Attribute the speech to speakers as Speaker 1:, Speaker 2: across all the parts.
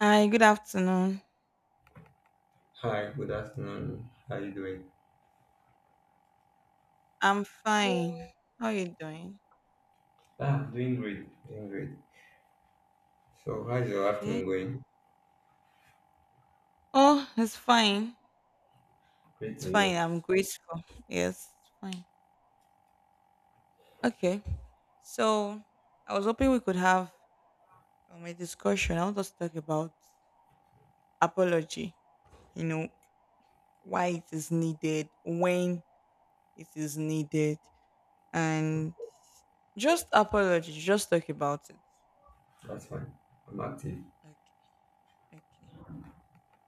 Speaker 1: Hi, good afternoon.
Speaker 2: Hi, good afternoon. How are you doing?
Speaker 1: I'm fine. How are you doing?
Speaker 2: I'm doing great. Doing great. So, how's your
Speaker 1: Okay.
Speaker 2: afternoon going?
Speaker 1: Oh, it's fine.
Speaker 2: Great to
Speaker 1: It's
Speaker 2: hear.
Speaker 1: fine. I'm grateful. Yes, it's fine. Okay. So I was hoping we could have a discussion. I want us to talk about apology. You know, why it is needed, when it is needed, and just apology. Just talk about it.
Speaker 2: That's fine. I'm active.
Speaker 1: Okay. Okay.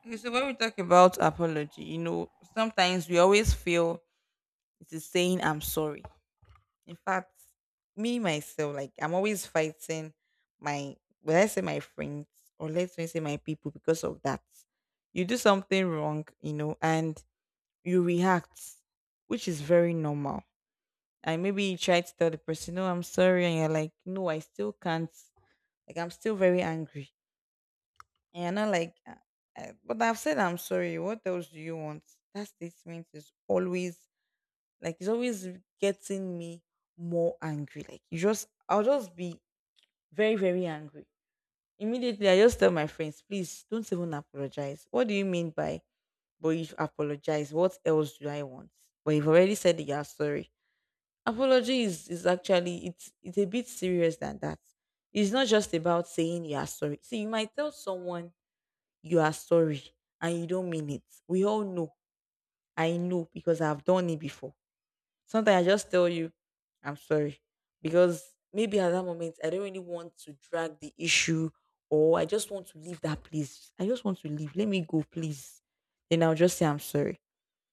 Speaker 1: Okay, so when we talk about apology, you know, sometimes we always feel it is saying I'm sorry. In fact, me myself, like I'm always fighting my when I say my friends or let's me say my people because of that. You do something wrong, you know, and you react, which is very normal. And maybe you try to tell the person, "No, I'm sorry," and you're like, "No, I still can't. Like I'm still very angry." And you're not like, "But I've said I'm sorry. What else do you want?" That statement is always like it's always getting me more angry. Like you just I'll just be very, very angry. Immediately I just tell my friends, please don't even apologize. What do you mean by but you apologize? What else do I want? But you've already said that you're sorry. Apology is actually it's a bit serious than that. It's not just about saying you are sorry. See, you might tell someone you are sorry and you don't mean it. We all know. I know because I've done it before. Sometimes I just tell you, I'm sorry. Because maybe at that moment, I don't really want to drag the issue or I just want to leave that place. I just want to leave. Let me go, please. Then I'll just say, I'm sorry.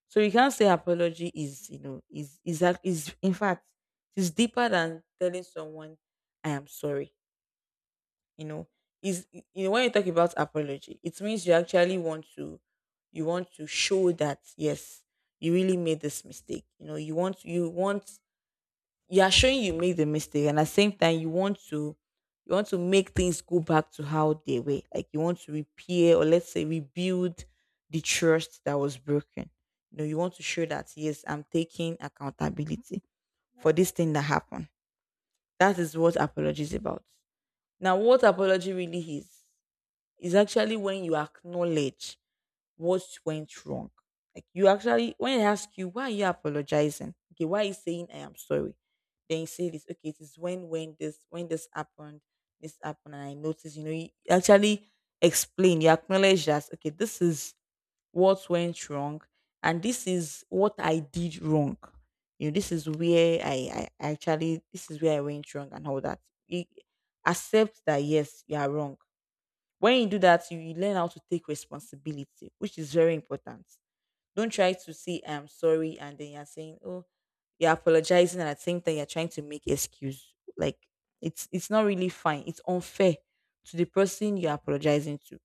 Speaker 1: So you can't say apology is, you know, that, is in fact, it's deeper than telling someone, I am sorry. You know, you know, when you talk about apology, it means you actually want to, you want to show that, yes, you really made this mistake. You know, you want you are showing you made the mistake, and at the same time you want to make things go back to how they were. Like you want to repair, or let's say rebuild the trust that was broken. You know, you want to show that yes, I'm taking accountability for this thing that happened. That is what apology is about. Now what apology really is actually when you acknowledge what went wrong. Like you actually, when they ask you why are you apologizing, okay, why are you saying I am sorry? Then you say this, okay, it is when when this happened, this happened, and I noticed. You know, you actually explain, you acknowledge that okay, this is what went wrong, and this is what I did wrong. You know, this is where I actually this is where I went wrong and all that. You accept that yes, you are wrong. When you do that, you learn how to take responsibility, which is very important. Don't try to say I'm sorry and then you're saying, oh, you're apologizing and at the same time you're trying to make excuse. Like it's not really fine. It's unfair to the person you're apologizing to.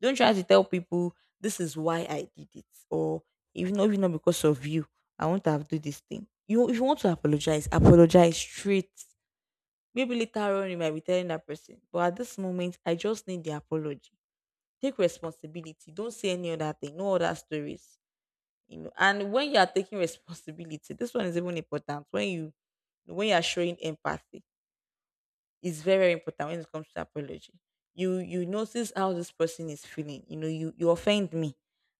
Speaker 1: Don't try to tell people this is why I did it, or even though if not because of you, I want to have do this thing. You if you want to apologize, apologize straight. Maybe later on you might be telling that person, but at this moment I just need the apology. Take responsibility. Don't say any other thing. No other stories. You know, and when you are taking responsibility, this one is even important. When you are showing empathy, it's very, very important when it comes to apology. You notice how this person is feeling. You know, you offend me.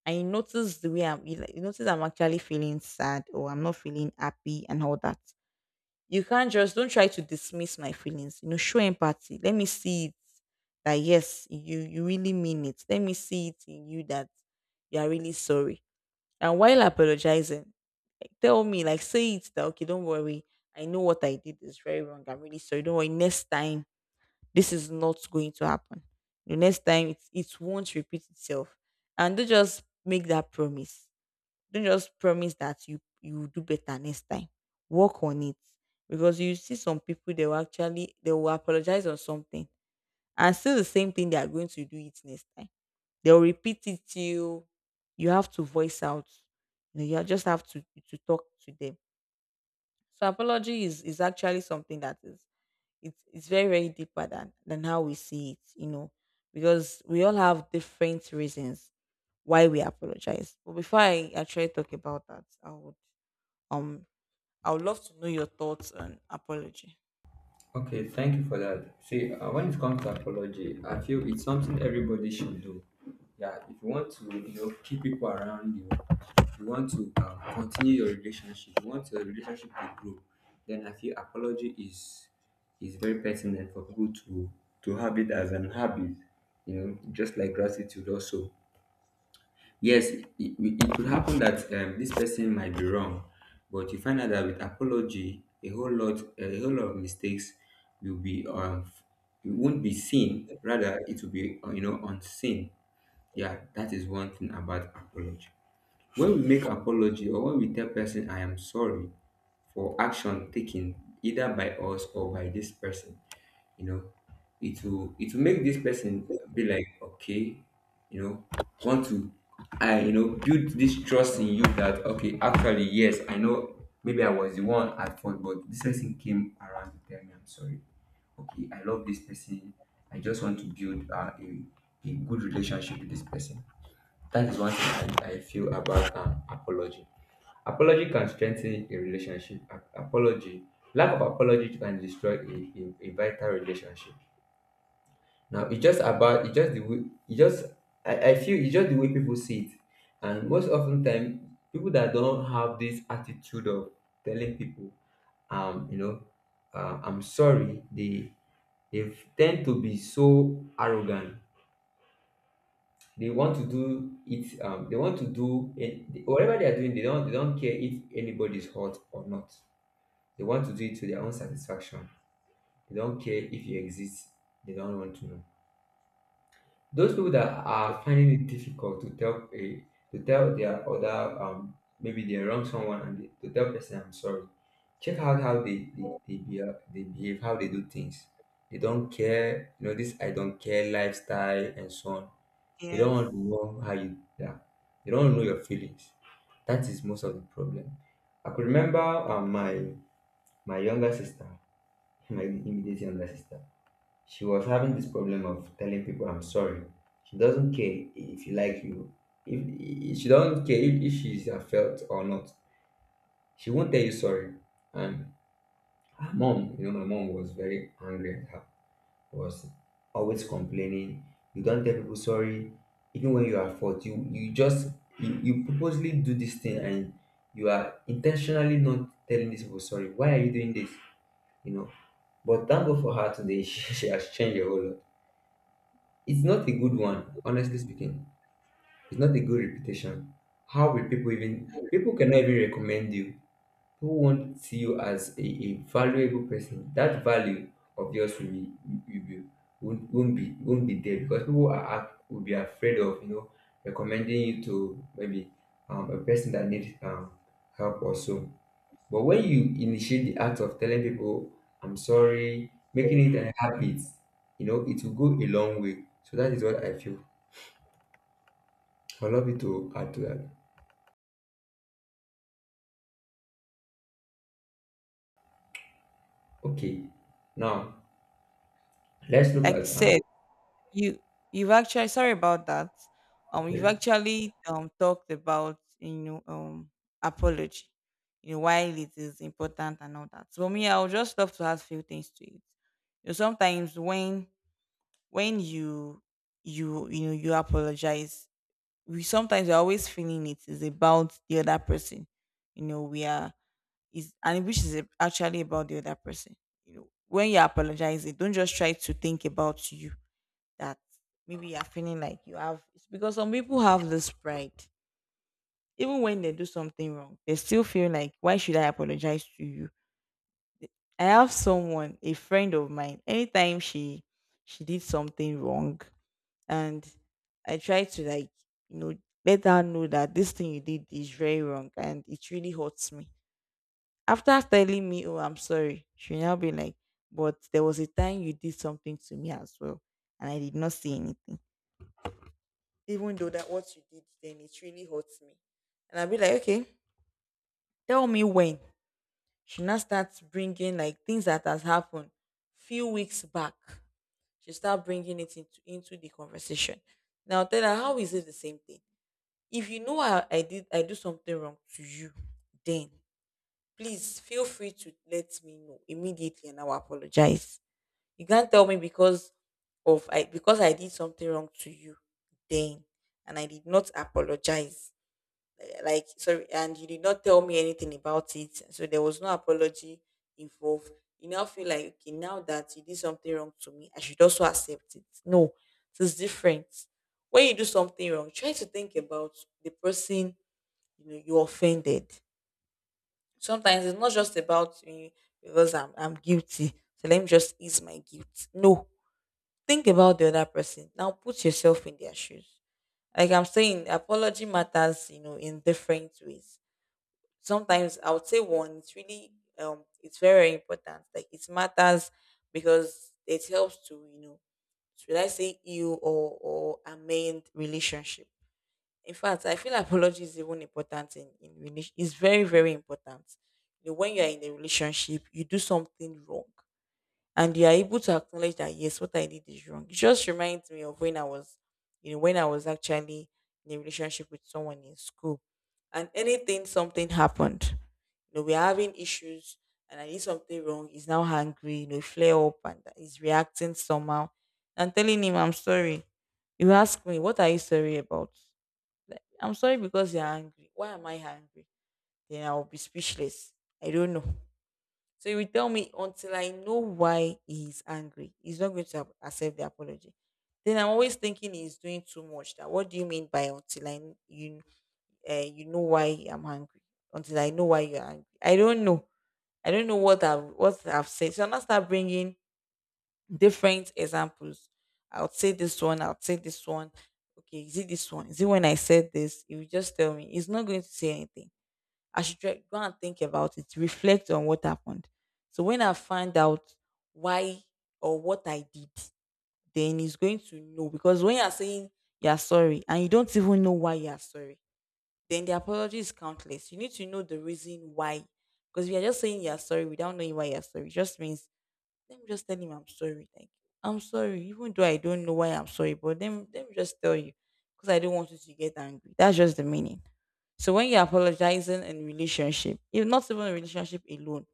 Speaker 1: And you notice the way I'm you like- you notice I'm actually feeling sad or I'm not feeling happy and all that. You can't just don't try to dismiss my feelings. You know, show empathy. Let me see it that yes, you really mean it. Let me see it in you that you are really sorry. And while apologizing, tell me, like say it that okay, don't worry. I know what I did is very wrong. I'm really sorry. Don't worry. Next time, this is not going to happen. The next time it won't repeat itself. And don't just make that promise. Don't just promise that you will do better next time. Work on it, because you see some people they will actually they will apologize on something and still the same thing they are going to do it next time. They will repeat it till you have to voice out. You know, you just have to talk to them. So apology is actually something that is it's very, very deeper than how we see it. You know, because we all have different reasons why we apologize. But before I actually talk about that, um, I would love to know your thoughts on apology.
Speaker 2: Okay, thank you for that. See, when it comes to apology, I feel it's something everybody should do. Yeah, if you want to, you know, keep people around you, if you want to continue your relationship, you want your relationship to grow, then I feel apology is very pertinent for people to have it as an habit. You know, just like gratitude also. Yes, it could happen that this person might be wrong, but you find out that with apology, a whole lot of mistakes will be it won't be seen. Rather, it will be you know unseen. Yeah, that is one thing about apology. When we make apology or when we tell person I am sorry for action taken either by us or by this person, you know it will make this person be like okay, you know, want to, I, you know, build this trust in you that okay, actually, yes, I know maybe I was the one at fault, but this person came around to tell me I'm sorry. Okay, I love this person. I just want to build a good relationship with this person. That is one thing I feel about apology. Apology can strengthen a relationship. Apology, lack of apology can destroy a vital relationship. Now it's just about it's just I feel it's just the way people see it. And most often time people that don't have this attitude of telling people you know I'm sorry, they tend to be so arrogant. They want to do it they want to do it whatever they are doing, they don't care if anybody's hurt or not. They want to do it to their own satisfaction. They don't care if you exist. They don't want to know. Those people that are finding it difficult to tell a to tell their other maybe they wrong someone and they, to tell person I'm sorry. Check out how they behave, how they do things. They don't care, you know, this I don't care lifestyle and so on. They don't
Speaker 1: Yes.
Speaker 2: want to know how you, yeah. They don't want to know your feelings. That is most of the problem. I could remember my my younger sister, my immediate younger sister. She was having this problem of telling people I'm sorry. She doesn't care if you like you. If, if she doesn't care if she's felt or not, she won't tell you sorry. And her mom, you know, my mom was very angry at her. Was always complaining. You don't tell people sorry, even when you are at fault. You, you purposely do this thing and you are intentionally not telling these people sorry. Why are you doing this? You know. But thank God for her today. She has changed a whole lot. It's not a good one, honestly speaking. It's not a good reputation. How will people, even people cannot even recommend you? People won't see you as a valuable person. That value of yours will be won't be there because people are will be afraid of, you know, recommending you to maybe a person that needs help or so. But when you initiate the act of telling people I'm sorry, making it a habit, you know, it will go a long way. So that is what I feel. I love you to add to that. Okay, now let's look
Speaker 1: Like you
Speaker 2: at
Speaker 1: said, you you've actually sorry about that. You've
Speaker 2: okay.
Speaker 1: actually talked about you know apology, you know why it is important and all that. So me, I would just love to add few things to it. You know, sometimes when you know you apologize, we sometimes we're always feeling it is about the other person. You know, we are is and which is a- actually about the other person. You know, when you're apologizing, don't just try to think about you that maybe you're feeling like you have it's because some people have this pride. Even when they do something wrong, they still feel like, why should I apologize to you? I have someone, a friend of mine, anytime she did something wrong, and I try to like, you know, let her know that this thing you did is very wrong and it really hurts me. After telling me, "Oh, I'm sorry," she now be like, "But there was a time you did something to me as well, and I did not say anything, even though that what you did then it really hurts me." And I'll be like, "Okay, tell me when." She now starts bringing like things that has happened few weeks back. She start bringing it into the conversation. Now tell her how is it the same thing? If you know I did I do something wrong to you, then please feel free to let me know immediately and I will apologize. You can't tell me because of I because I did something wrong to you then and I did not apologize. Eh, like sorry, and you did not tell me anything about it. So there was no apology involved. You now feel like okay, now that you did something wrong to me, I should also accept it. No, it's different. When you do something wrong, try to think about the person you know you offended. Sometimes it's not just about me because I'm guilty. So let me just ease my guilt. No. Think about the other person. Now put yourself in their shoes. Like I'm saying, apology matters, you know, in different ways. Sometimes I would say one, it's really it's very important. Like it matters because it helps to, you know, should I say heal or amend relationship. In fact, I feel apology is even important in relation. It's very, very important. You know, when you are in a relationship, you do something wrong, and you are able to acknowledge that yes, what I did is wrong. It just reminds me of when I was, you know, when I was actually in a relationship with someone in school, and anything something happened, you know, we're having issues, and I did something wrong. He's now angry, you know, flare up, and he's reacting somehow. I'm telling him I'm sorry. You ask me, what are you sorry about? Like, I'm sorry because you're angry. Why am I angry? Then I'll be speechless. I don't know. So he will tell me until I know why he's angry. He's not going to ap- accept the apology. Then I'm always thinking he's doing too much. That what do you mean by until I kn- you you know why I'm angry? Until I know why you're angry. I don't know. I don't know what I've said. So I now start bringing different examples. I'll say this one, I'll say this one. Okay, is it this one? Is it when I said this? If you just tell me. It's not going to say anything. I should try, go and think about it, reflect on what happened. So when I find out why or what I did, then he's going to know. Because when you're saying you're sorry and you don't even know why you're sorry, then the apology is countless. You need to know the reason why. Because if you're just saying you're sorry without knowing why you're sorry, it just means let me just tell him I'm sorry. Like, I'm sorry, even though I don't know why I'm sorry, but let me just tell you because I don't want you to get angry. That's just the meaning. So when you're apologizing in relationship, if not even a relationship alone,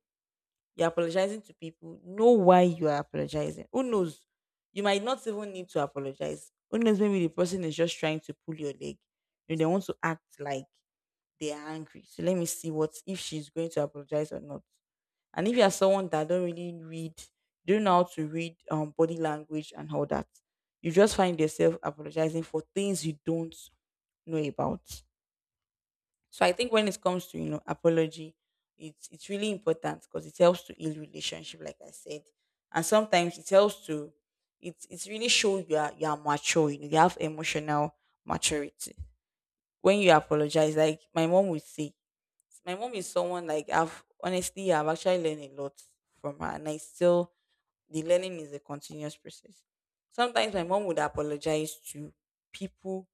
Speaker 1: you're apologizing to people. Know why you are apologizing. Who knows? You might not even need to apologize. Who knows? Maybe the person is just trying to pull your leg. You know, they want to act like they are angry. So let me see what if she's going to apologize or not. And if you are someone that don't really read, don't know how to read body language and all that, you just find yourself apologizing for things you don't know about. So I think when it comes to apology, it's really important because it helps to heal relationship, like I said, and sometimes it helps to it's really show you are mature, you know, you have emotional maturity. When you apologize, like my mom would say, my mom is someone like I've actually learned a lot from her, and I still the learning is a continuous process. Sometimes my mom would apologize to people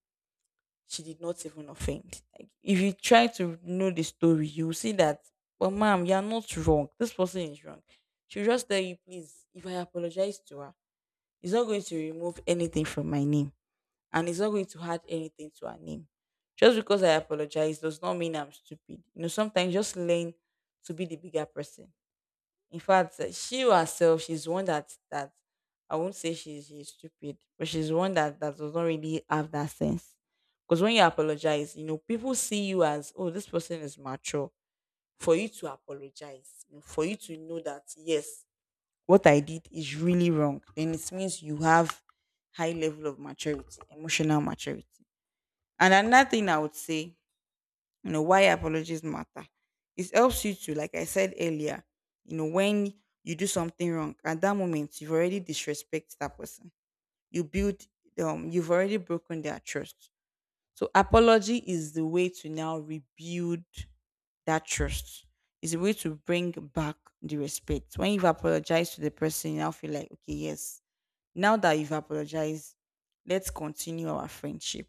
Speaker 1: she did not even offend. Like if you try to know the story, you'll see that, well, ma'am, you're not wrong. This person is wrong. She'll just tell you, please, if I apologize to her, it's not going to remove anything from my name and it's not going to add anything to her name. Just because I apologize does not mean I'm stupid. You know, sometimes just learn to be the bigger person. In fact, she herself, she's one that I won't say she's stupid, but she's one that does not really have that sense. Because when you apologize, you know, people see you as oh, this person is mature. For you to apologize, you know, for you to know that yes, what I did is really wrong, then it means you have high level of maturity, emotional maturity. And another thing I would say, you know, why apologies matter. It helps you to, like I said earlier, you know, when you do something wrong, at that moment you've already disrespected that person. You build you've already broken their trust. So apology is the way to now rebuild that trust. It's a way to bring back the respect. When you've apologized to the person, you now feel like, okay, yes, now that you've apologized, let's continue our friendship.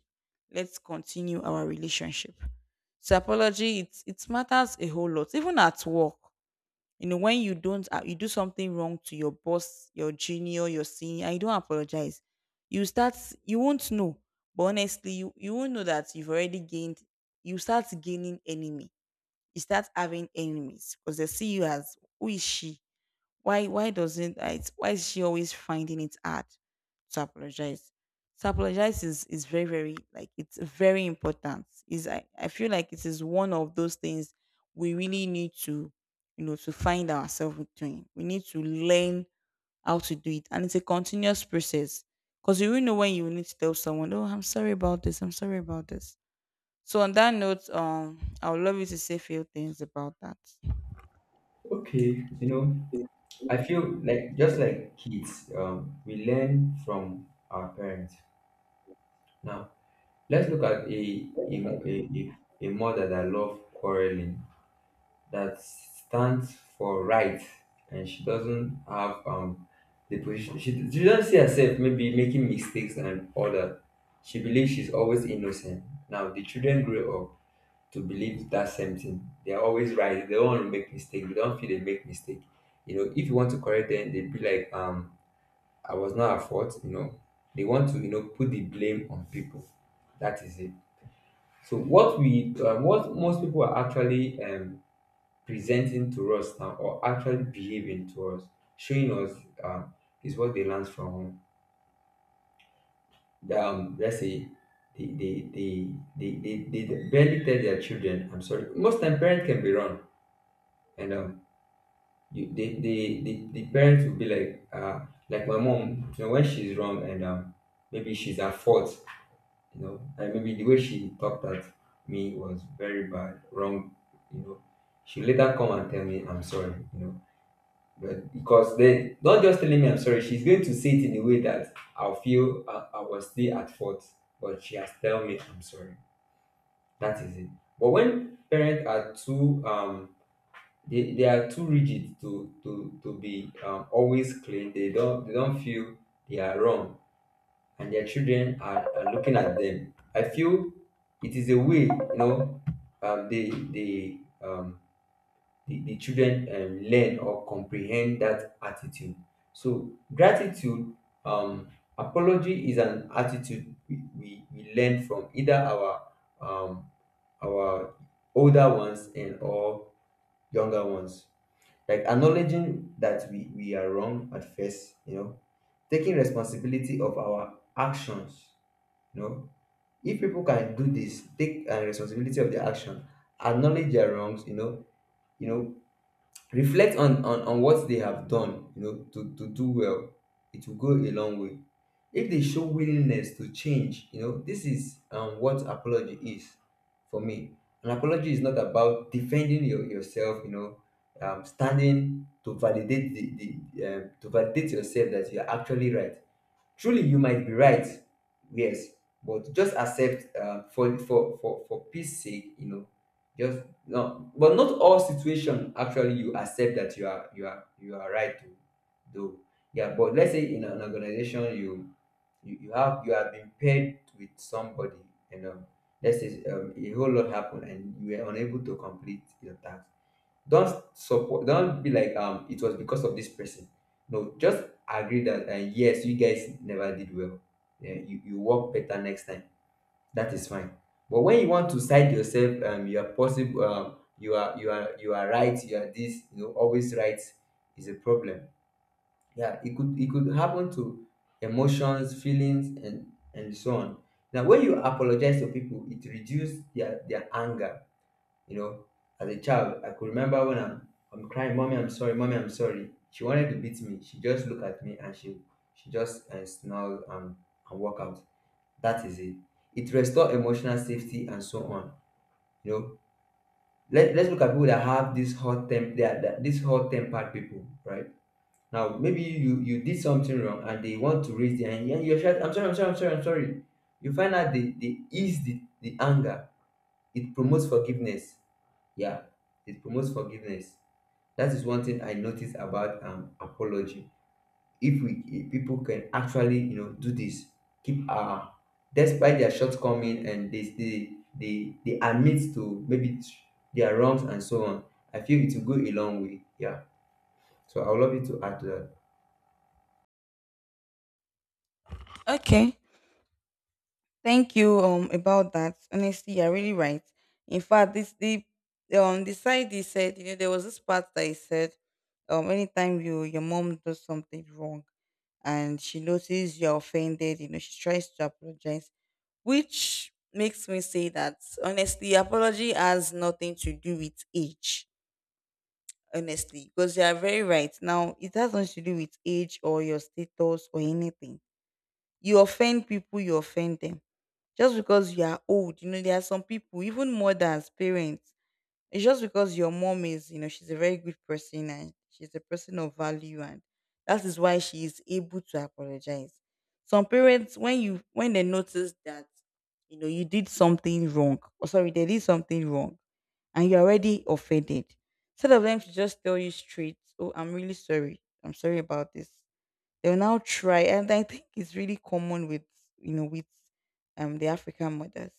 Speaker 1: Let's continue our relationship. So apology, it matters a whole lot. Even at work, you know, when you don't you do something wrong to your boss, your junior, your senior, and you don't apologize, you start you won't know. But honestly, you won't know that you've already gained. You start gaining enemy. You start having enemies because they see you as who is she, why doesn't I, why is she always finding it hard to apologize? To apologize is very, very like it's very important. Is I feel like it is one of those things we really need to find ourselves doing. We need to learn how to do it. And it's a continuous process. Because you will know when you need to tell someone, oh, I'm sorry about this, I'm sorry about this. So on that note, I would love you to say a few things about that.
Speaker 2: Okay, you know, I feel like just like kids, we learn from our parents. Now let's look at a mother that loves quarreling, that stands for right, and she doesn't have the position. She doesn't see herself maybe making mistakes and all that. She believes she's always innocent. Now the children grow up to believe that same thing. They're always right. They don't want to make mistake. They don't feel they make mistake. You know, if you want to correct them, they be like, I was not at fault. You know, they want to, you know, put the blame on people. That is it. So what we what most people are actually presenting to us now, or actually behaving to us, showing us, um, is what they learn from home. Let's say they they, they, they barely tell their children, I'm sorry. Most time parents can be wrong. And you, the parents will be like my mom, you know, when she's wrong and maybe she's at fault, you know, and maybe the way she talked at me was very bad, wrong, you know. She later come and tell me I'm sorry, you know, but because then not just telling me I'm sorry, she's going to say it in a way that I'll feel I was still at fault, but she has tell me I'm sorry. That is it. But when parents are too they are too rigid to be always clean, they don't feel they are wrong and their children are looking at them, I feel it is a way, you know, um they they um the children learn or comprehend that attitude. So gratitude, um apology is an attitude we learn from either our um our older ones and or younger ones, like acknowledging that we are wrong at first, you know, taking responsibility of our actions, you know. If people can do this, take responsibility of their action, acknowledge their wrongs, you know, reflect on, what they have done, you know, to do well, it will go a long way if they show willingness to change. You know, this is what apology is for me. An apology is not about defending yourself, you know, standing to validate the to validate yourself that you're actually right. Truly you might be right, yes, but just accept, for peace sake, you know, just but not all situation actually you accept that you are right to do. Yeah, but let's say in an organization, you, you have, you have been paired with somebody, you know. Let's say a whole lot happened and you were unable to complete your task. Don't support, don't be like it was because of this person. No, just agree that, yes, you guys never did well. Yeah, you work better next time. That is fine. But when you want to cite yourself, you are possible, you are right, you are this, you know, always right, is a problem. Yeah, it could, it could happen to emotions, feelings, and so on. Now when you apologize to people, it reduces their anger, you know. As a child, I could remember when I'm crying, mommy, I'm sorry, mommy, I'm sorry. She wanted to beat me. She just looked at me and she just snarled and walk out. That is it. It restores emotional safety and so on. You know, let, let's look at people that have this hot temp, they are that, this hot tempered people, right? Now maybe you did something wrong and they want to raise their hand. Yeah, you're shouting, I'm sorry, I'm sorry, I'm sorry, I'm sorry. You find out they ease the anger. It promotes forgiveness. Yeah, it promotes forgiveness. That is one thing I noticed about apology. If we, if people can actually, you know, do this, keep, despite their shortcoming, and they admit to maybe their wrongs and so on. I feel it will go a long way. Yeah. So I would love you to add to that.
Speaker 1: Okay. Thank you about that. Honestly, you're really right. In fact, this the side he said, you know, there was this part that he said, anytime your mom does something wrong and she notices you're offended, you know, she tries to apologize, which makes me say that honestly, apology has nothing to do with age. Honestly, because you are very right. Now, it has nothing to do with age or your status or anything. You offend people, you offend them just because you are old. You know, there are some people, even mothers, parents, it's just because your mom is, you know, she's a very good person and she's a person of value, and that is why she is able to apologize. Some parents, when they notice that, you know, you did something wrong, or sorry, they did something wrong and you're already offended. Instead of them to just tell you straight, oh, I'm really sorry. I'm sorry about this. They'll now try, and I think it's really common with with the African mothers.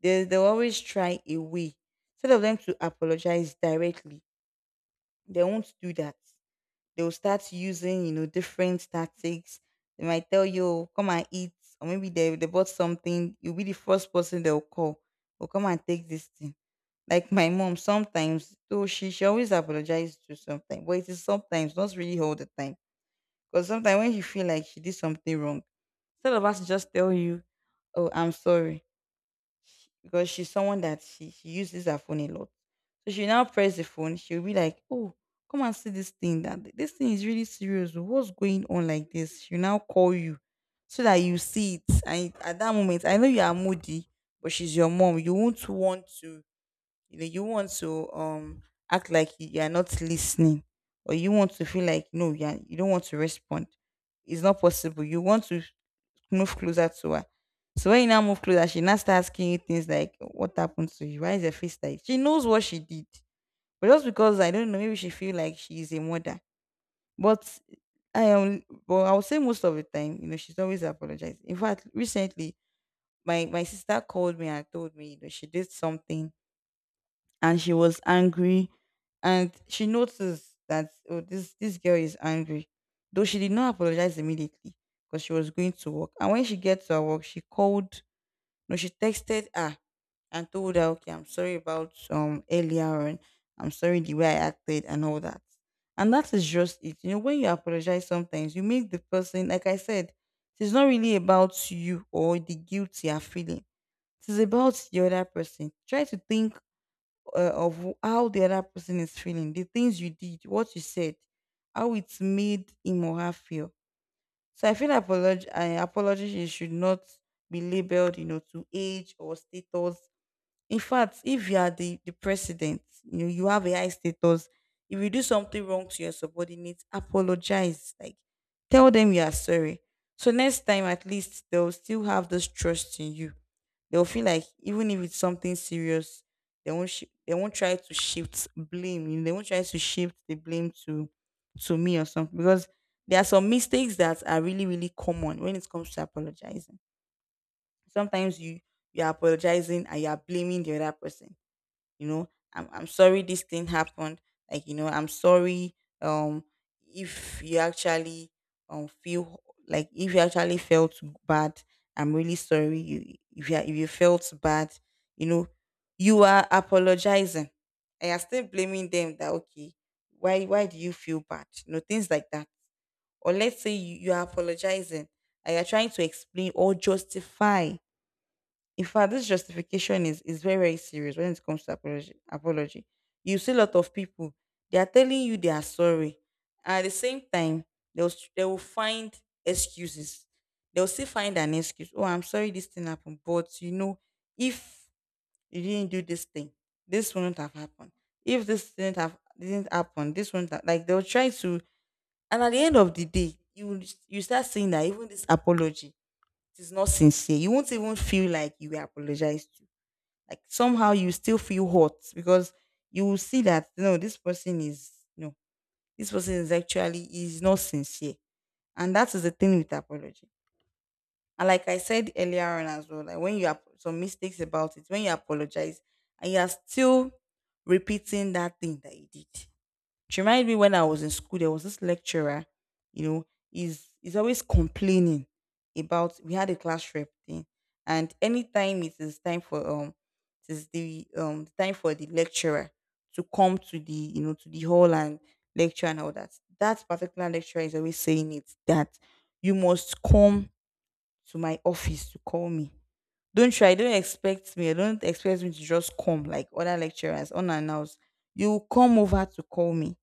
Speaker 1: They'll always try a way. Instead of them to apologize directly, they won't do that. They'll start using different tactics. They might tell you, "Oh, come and eat," or maybe they bought something. You'll be the first person they'll call. Oh, come and take this thing. Like my mom, sometimes though she always apologizes to something, but it is sometimes, not really all the time. Because sometimes when you feel like she did something wrong, instead of us to just tell you, oh, I'm sorry, because she's someone that she uses her phone a lot. So she now press the phone. She'll be like, oh, come and see this thing. That this thing is really serious. Oh, what's going on like this? She'll now call you so that you see it. And at that moment, I know you are moody, but she's your mom. You won't want to, you know, you want to act like you are not listening, or you want to feel like no, you are, you don't want to respond. It's not possible. You want to move closer to her. So when you now move closer, she now starts asking you things like, "What happened to you? Why is your face like?" She knows what she did, but just because I don't know, maybe she feel like she is a mother. But I am, but I would say most of the time, you know, she's always apologizing. In fact, recently, my sister called me and told me, you know, she did something and she was angry, and she noticed that oh, this girl is angry. Though she did not apologize immediately because she was going to work. And when she gets to her work, she called, no, she texted her and told her, okay, I'm sorry about earlier on. I'm sorry the way I acted and all that. And that is just it. You know, when you apologize sometimes, you make the person, like I said, it's not really about you or the guilt you are feeling. It is about the other person. Try to think of how the other person is feeling, the things you did, what you said, how it made him or her feel. So I feel apology, I apology should not be labeled, you know, to age or status. In fact, if you are the president, you know, you have a high status. If you do something wrong to your subordinates, apologize. Like, tell them you are sorry. So next time at least they'll still have this trust in you. They'll feel like even if it's something serious, they won't they won't try to shift blame. You know, they won't try to shift the blame to me or something. Because there are some mistakes that are really, really common when it comes to apologizing. Sometimes you are apologizing and you are blaming the other person, you know, I'm sorry this thing happened. Like, you know, I'm sorry. um if you actually feel like if you actually felt bad, I'm really sorry. You if you if you felt bad, you know, you are apologizing and you're still blaming them that okay, why do you feel bad, you know, things like that. Or let's say you are apologizing and you're trying to explain or justify. In fact, this justification is very very serious when it comes to apology. Apology. You see a lot of people, they are telling you they are sorry, at the same time they will they will find excuses. They will still find an excuse. Oh, I'm sorry this thing happened, but you know, if you didn't do this thing, this wouldn't have happened. If this didn't have didn't happen, this wouldn't have, like they'll try to. And at the end of the day, you will you start seeing that even this apology, it is not sincere. You won't even feel like you were apologized to, like somehow you still feel hot because you will see that no, this person is, no, this person is actually is not sincere, and that is the thing with apology. And like I said earlier on as well, like when you have some mistakes about it, when you apologize and you are still repeating that thing that you did, she reminded me when I was in school, there was this lecturer. You know, he's always complaining about, we had a class rep thing. And anytime it is time for it is the time for the lecturer to come to the hall and lecture and all that. That particular lecturer is always saying it that you must come to my office to call me. Don't try, don't expect me to just come like other lecturers unannounced. You come over to call me,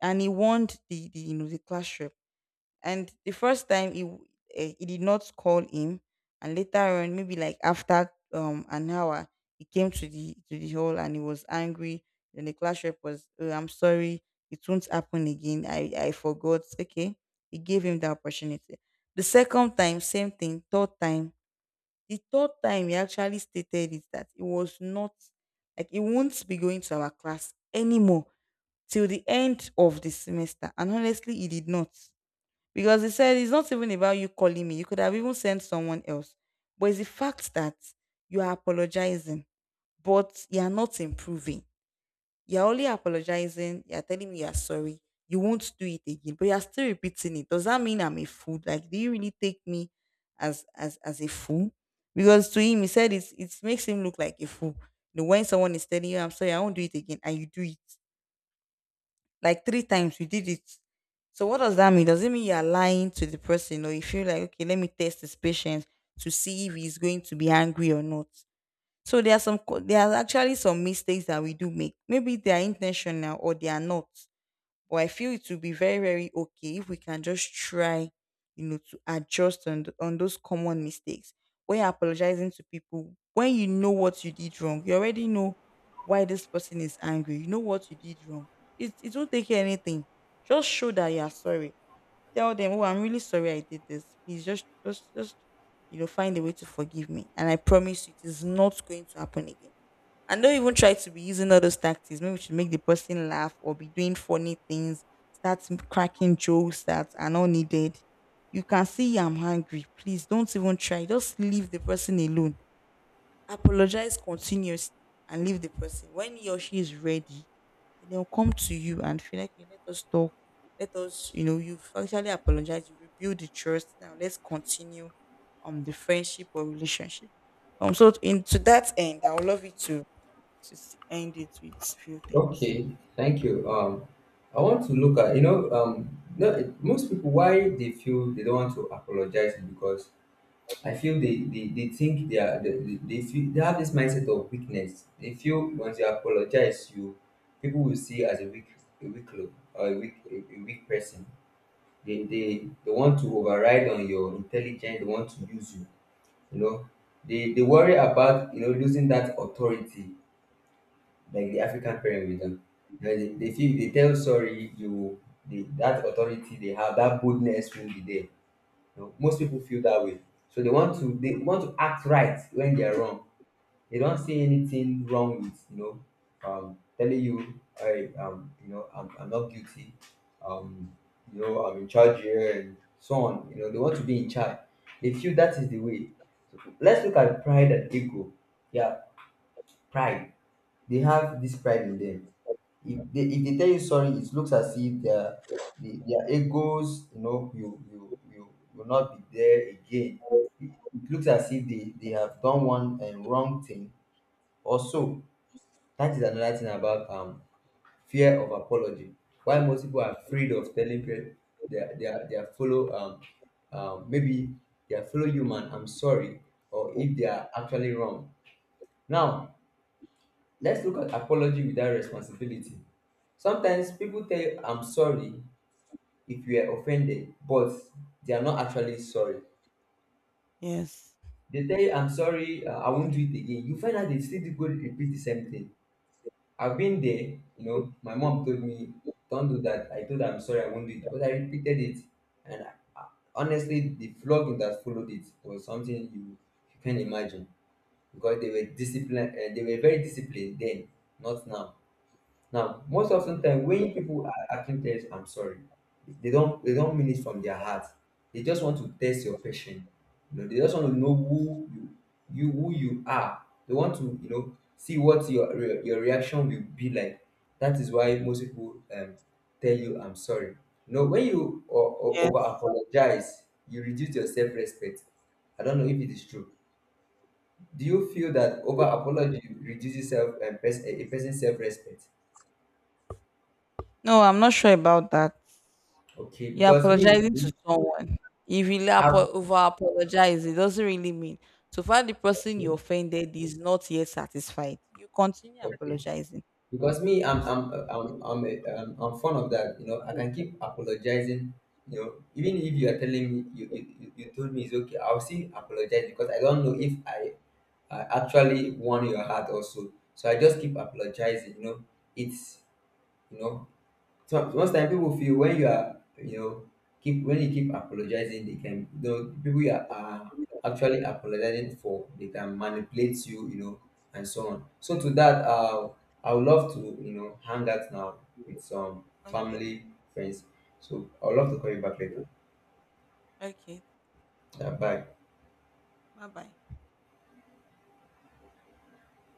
Speaker 1: and he warned the you know the class rep. And the first time he did not call him, and later on, maybe like after an hour, he came to the hall and he was angry. Then the class rep was, oh, "I'm sorry, it won't happen again. I forgot." Okay, he gave him the opportunity. The second time, same thing. The third time he actually stated is that it was not, like, he won't be going to our class anymore till the end of the semester. And honestly, he did not. Because he said it's not even about you calling me. You could have even sent someone else. But it's the fact that you are apologizing, but you are not improving. You're only apologizing. You're telling me you are sorry. You won't do it again, but you're still repeating it. Does that mean I'm a fool? Like, do you really take me as a fool? Because to him, he said it makes him look like a fool. You know, when someone is telling you, I'm sorry, I won't do it again, and you do it like three times, you did it. So what does that mean? Does it mean you're lying to the person, or you feel like, okay, let me test his patience to see if he's going to be angry or not? So there are there are actually some mistakes that we do make. Maybe they are intentional or they are not. But I feel it will be very, very okay if we can just try, you know, to adjust on those common mistakes. When you're apologizing to people, when you know what you did wrong, you already know why this person is angry. You know what you did wrong. It won't take anything. Just show that you are sorry, tell them, "Oh, I'm really sorry I did this. Please just find a way to forgive me." And I promise you, it is not going to happen again. And don't even try to be using all those tactics. Maybe we should make the person laugh or be doing funny things, start cracking jokes that are not needed. You can see I'm hungry. Please don't even try. Just leave the person alone. Apologize continuously and leave the person. When he or she is ready, then they'll come to you and feel like, "Okay, let us talk. Let us, you know, you've actually apologized. You rebuild the trust. Now let's continue on the friendship or relationship." So in to that end, I would love you to end it with few things.
Speaker 2: Okay, thank you. I want to look at, you know, no, most people why they feel they don't want to apologize is because I feel they think they feel they have this mindset of weakness. They feel once you apologize, you, people will see you as a weak, a weak lo- or a weak person. They want to override on your intelligence. They want to use you. You know, they worry about, you know, losing that authority like the African parent will do. You know, they feel they tell sorry, you, that authority they have, that boldness will be there, you know. Most people feel that way. So they want to act right when they're wrong. They don't see anything wrong with, you know, telling you I you know I'm not guilty. Um, you know I'm in charge here and so on. You know they want to be in charge. They feel that is the way. So let's look at pride and ego. Yeah, pride. They have this pride in them. If they, if they tell you sorry, it looks as if their egos, you know, will not be there again. It looks as if they have done one, wrong thing or so. That is another thing about fear of apology. Why most people are afraid of telling their fellow maybe their fellow human I'm sorry, or if they are actually wrong. Now, let's look at apology without responsibility. Sometimes people tell I'm sorry if you are offended, but they are not actually sorry.
Speaker 1: Yes.
Speaker 2: They tell you I'm sorry, I won't do it again. You find out they still do go repeat the same thing. I've been there, you know. My mom told me, don't do that. I told her I'm sorry, I won't do it. But I repeated it. And honestly, the flogging that followed it was something you, you can imagine, because they were disciplined, and they were very disciplined then, not now. Now, most often time when people are acting test, I'm sorry, they don't mean it from their heart. They just want to test your patience. You know, they just want to know who you you who you are. They want to, you know, see what your reaction will be like. That is why most people, tell you I'm sorry. You know, when you over
Speaker 1: Yes.
Speaker 2: apologize, you reduce your self respect. I don't know if it is true. Do you feel that over apology reduces self, a person's self respect?
Speaker 1: No, I'm not sure about that.
Speaker 2: Okay,
Speaker 1: You're
Speaker 2: because me,
Speaker 1: apologizing to someone. You really
Speaker 2: I've,
Speaker 1: over apologize. It doesn't really mean. So far, the person you offended is not yet satisfied. You continue
Speaker 2: okay,
Speaker 1: apologizing.
Speaker 2: because me,
Speaker 1: So,
Speaker 2: I'm fond of that. You know, I can keep apologizing. You know, even if you are telling me you told me it's okay, I'll still apologize because I don't know if I actually won your heart also. So I just keep apologizing. You know, it's you know so most time people feel when you are, you know, keep when you keep apologizing, they can, you know, people you are actually apologizing for, they can manipulate you, you know, and so on. So to that, I would love to, you know, hang out now with some
Speaker 1: okay.
Speaker 2: family friends. So I would love to call you back later.
Speaker 1: Okay.
Speaker 2: Yeah, bye.
Speaker 1: Bye bye.